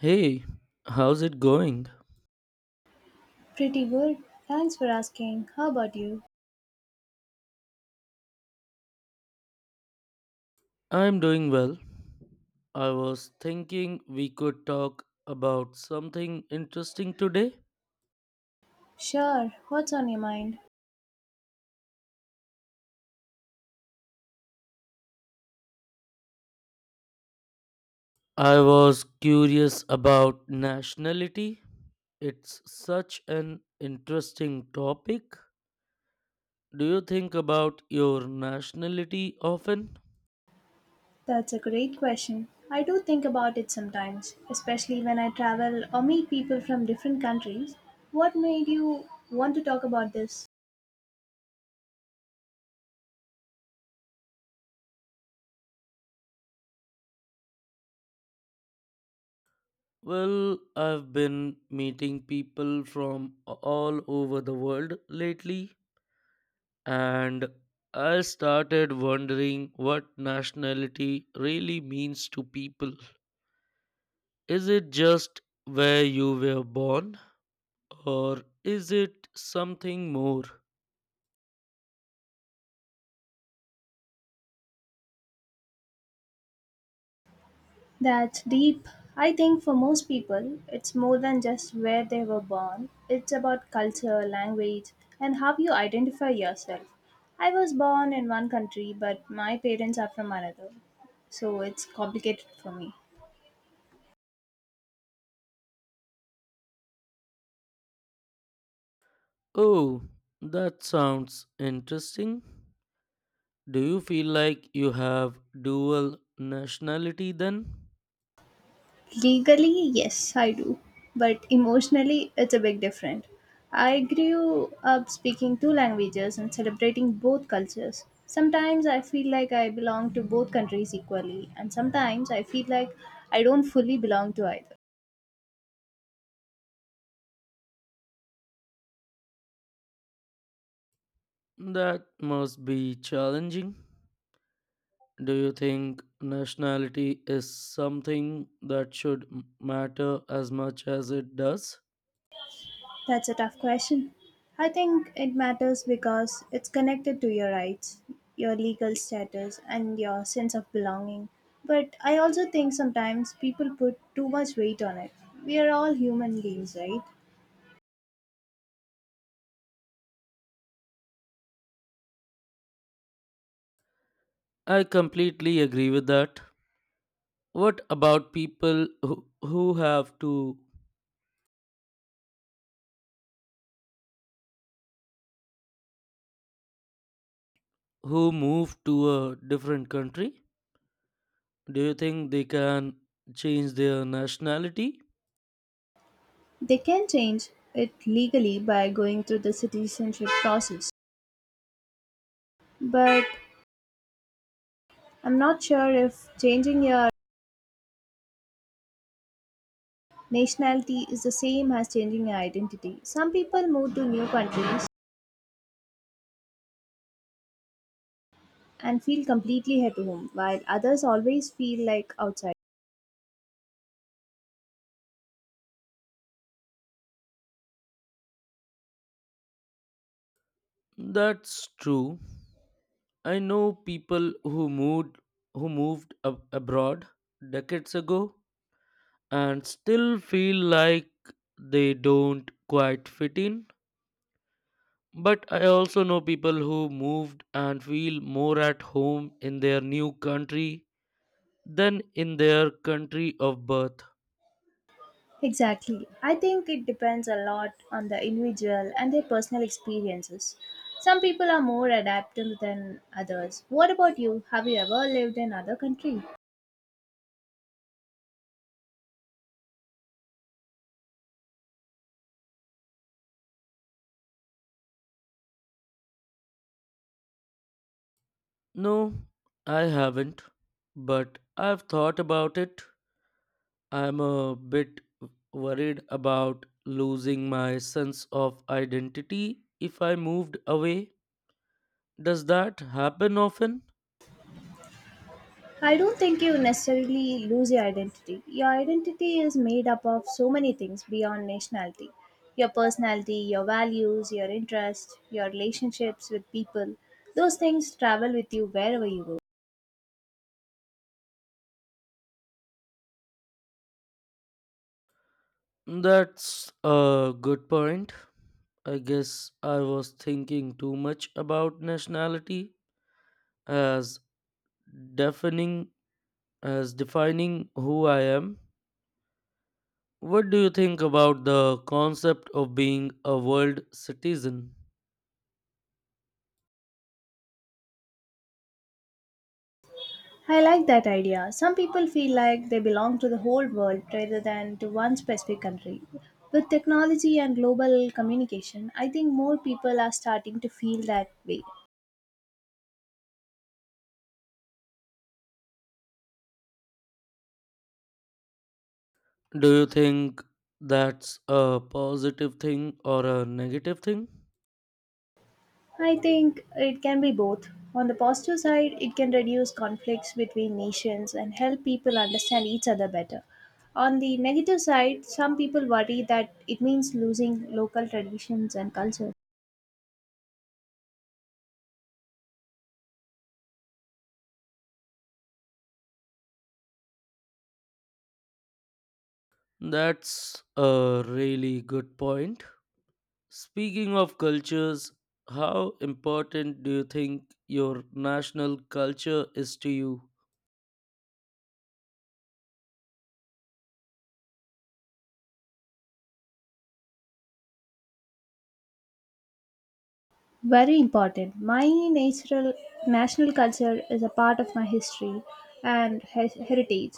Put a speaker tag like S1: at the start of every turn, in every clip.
S1: Hey, how's it going?
S2: Pretty good. Thanks for asking. How about you?
S1: I'm doing well. I was thinking we could talk about something interesting today.
S2: Sure. What's on your mind?
S1: I was curious about nationality. It's such an interesting topic. Do you think about your nationality often?
S2: That's a great question. I do think about it sometimes, especially when I travel or meet people from different countries. What made you want to talk about this?
S1: Well, I've been meeting people from all over the world lately, and I started wondering what nationality really means to people. Is it just where you were born, or is it something more?
S2: That's deep. I think for most people, it's more than just where they were born. It's about culture, language, and how you identify yourself. I was born in one country, but my parents are from another, so it's complicated for me.
S1: Oh, that sounds interesting. Do you feel like you have dual nationality then?
S2: Legally, yes, I do. But emotionally, it's a big difference. I grew up speaking two languages and celebrating both cultures. Sometimes I feel like I belong to both countries equally, and sometimes I feel like I don't fully belong to either.
S1: That must be challenging. Do you think nationality is something that should matter as much as it does?
S2: That's a tough question. I think it matters because it's connected to your rights, your legal status, and your sense of belonging. But I also think sometimes people put too much weight on it. We are all human beings, right?
S1: I completely agree with that. What about people who have to who move to a different country? Do you think they can change their nationality?
S2: They can change it legally by going through the citizenship process. But I'm not sure if changing your nationality is the same as changing your identity. Some people move to new countries and feel completely at home, while others always feel like outside.
S1: That's true. I know people who moved abroad decades ago and still feel like they don't quite fit in. But I also know people who moved and feel more at home in their new country than in their country of birth.
S2: Exactly. I think it depends a lot on the individual and their personal experiences. Some people are more adaptable than others. What about you? Have you ever lived in other country?
S1: No, I haven't, but I've thought about it. I'm a bit worried about losing my sense of identity if I moved away. Does that happen often?
S2: I don't think you necessarily lose your identity. Your identity is made up of so many things beyond nationality. Your personality, your values, your interests, your relationships with people. Those things travel with you wherever you go.
S1: That's a good point. I guess I was thinking too much about nationality as defining defining who I am. What do you think about the concept of being a world citizen?
S2: I like that idea. Some people feel like they belong to the whole world rather than to one specific country. With technology and global communication, I think more people are starting to feel that way.
S1: Do you think that's a positive thing or a negative thing?
S2: I think it can be both. On the positive side, it can reduce conflicts between nations and help people understand each other better. On the negative side, some people worry that it means losing local traditions and culture.
S1: That's a really good point. Speaking of cultures, how important do you think your national culture is to you?
S2: Very important. My natural national culture is a part of my history and heritage.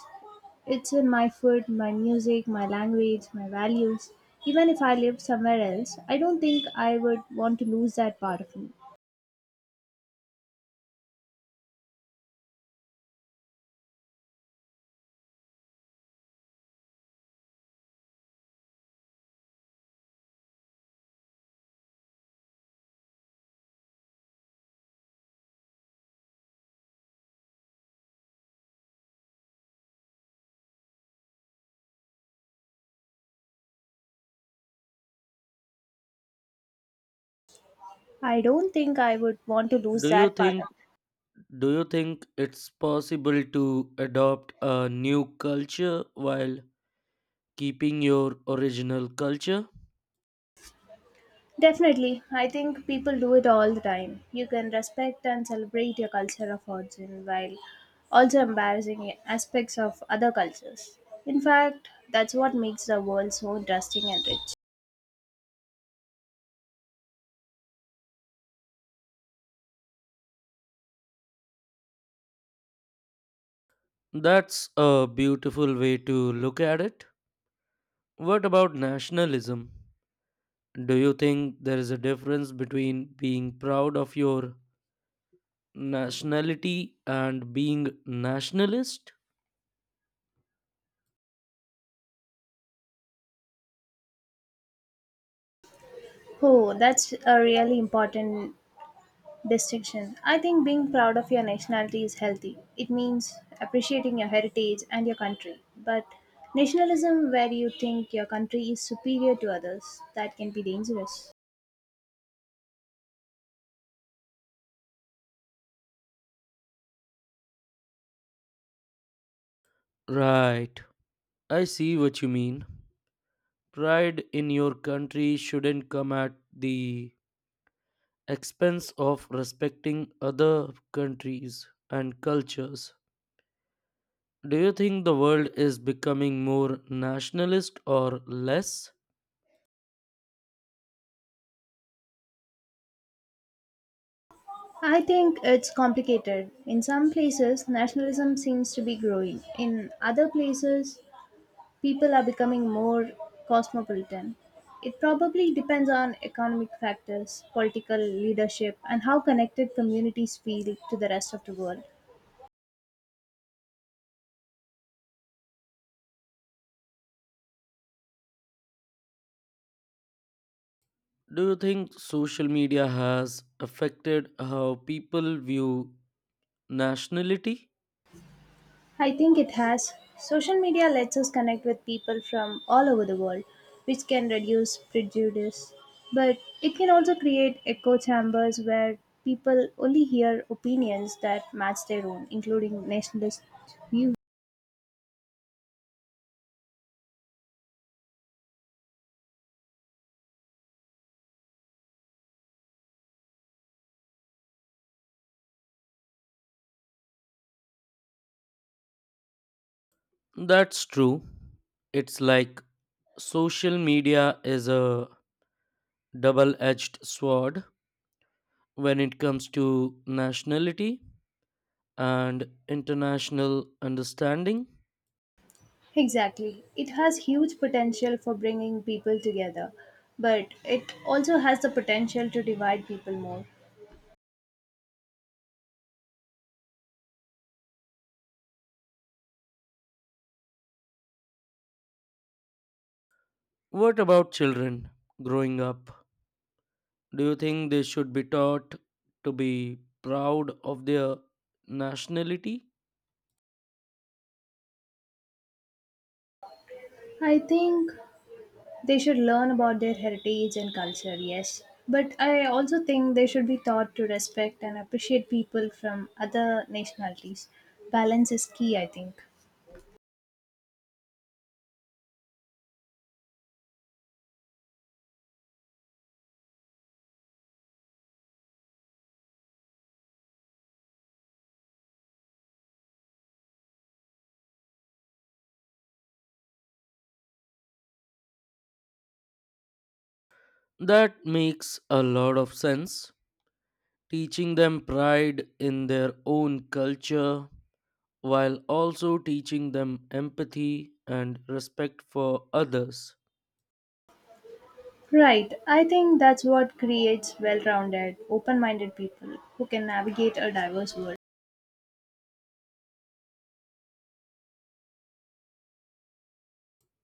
S2: It's in my food, my music, my language, my values. Even if I lived somewhere else, I don't think I would want to lose that part of me. I don't think I would want to lose
S1: Do you
S2: that part.
S1: think do you think it's possible to adopt a new culture while keeping your original culture?
S2: Definitely. I think people do it all the time. You can respect and celebrate your culture of origin while also embarrassing aspects of other cultures. In fact, that's what makes the world so interesting and rich.
S1: That's a beautiful way to look at it. What about nationalism? Do you think there is a difference between being proud of your nationality and being nationalist?
S2: Oh, that's a really important distinction. I think being proud of your nationality is healthy. It means appreciating your heritage and your country. But nationalism, where you think your country is superior to others, that can be dangerous.
S1: Right. I see what you mean. Pride in your country shouldn't come at the expense of respecting other countries and cultures. Do you think the world is becoming more nationalist or less?
S2: I think it's complicated. In some places, nationalism seems to be growing. In other places, people are becoming more cosmopolitan. It probably depends on economic factors, political leadership, and how connected communities feel to the rest of the world.
S1: Do you think social media has affected how people view nationality?
S2: I think it has. Social media lets us connect with people from all over the world, which can reduce prejudice. But it can also create echo chambers where people only hear opinions that match their own, including nationalist views.
S1: That's true. It's like social media is a double edged sword when it comes to nationality and international understanding.
S2: Exactly. It has huge potential for bringing people together, but it also has the potential to divide people more.
S1: What about children growing up? Do you think they should be taught to be proud of their nationality?
S2: I think they should learn about their heritage and culture, yes. But I also think they should be taught to respect and appreciate people from other nationalities. Balance is key, I think.
S1: That makes a lot of sense teaching them pride in their own culture while also teaching them empathy and respect for others.
S2: Right, I think that's what creates well rounded, open minded people who can navigate a diverse world.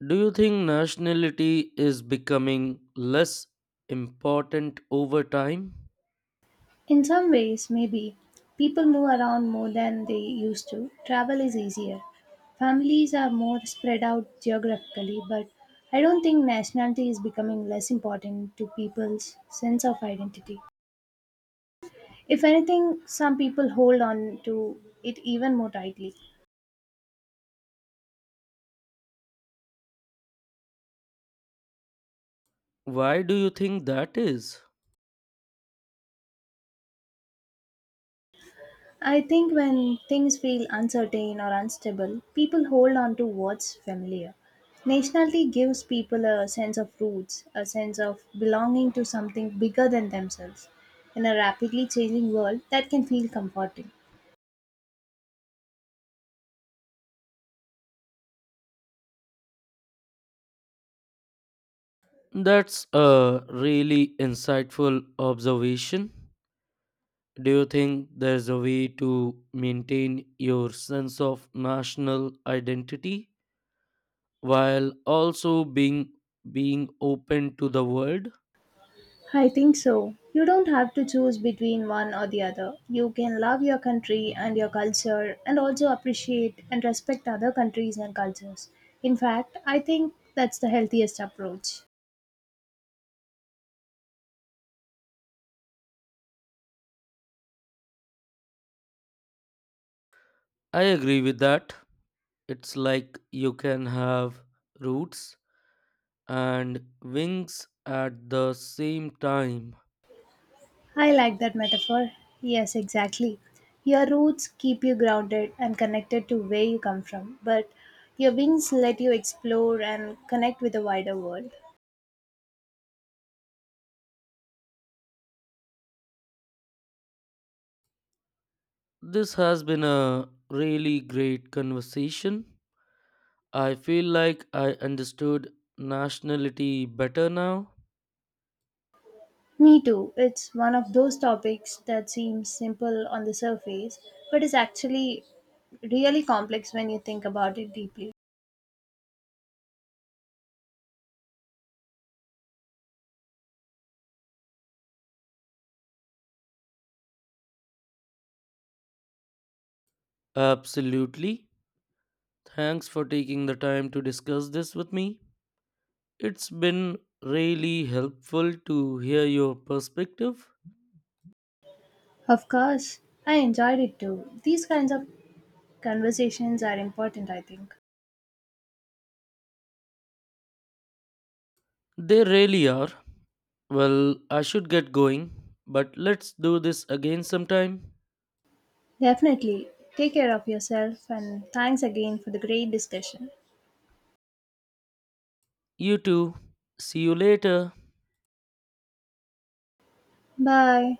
S1: Do you think nationality is becoming less important over time?
S2: In some ways, maybe. People move around more than they used to. Travel is easier. Families are more spread out geographically, but I don't think nationality is becoming less important to people's sense of identity. If anything, some people hold on to it even more tightly.
S1: Why do you think that is?
S2: I think when things feel uncertain or unstable, people hold on to what's familiar. Nationality gives people a sense of roots, a sense of belonging to something bigger than themselves. In a rapidly changing world, that can feel comforting.
S1: That's a really insightful observation. Do you think there's a way to maintain your sense of national identity while also being open to the world.
S2: I think so. You don't have to choose between one or the other. You can love your country and your culture and also appreciate and respect other countries and cultures. In fact, I think that's the healthiest approach.
S1: I agree with that. It's like you can have roots and wings at the same time.
S2: I like that metaphor. Yes, exactly. Your roots keep you grounded and connected to where you come from, but your wings let you explore and connect with the wider world.
S1: This has been a really great conversation. I feel like I understood nationality better now.
S2: Me too. It's one of those topics that seems simple on the surface, but is actually really complex when you think about it deeply.
S1: Absolutely, thanks for taking the time to discuss this with me. It's been really helpful to hear your perspective.
S2: Of course, I enjoyed it too. These kinds of conversations are important, I think.
S1: They really are. Well, I should get going, but let's do this again sometime.
S2: Definitely. Take care of yourself and thanks again for the great discussion.
S1: You too. See you later.
S2: Bye.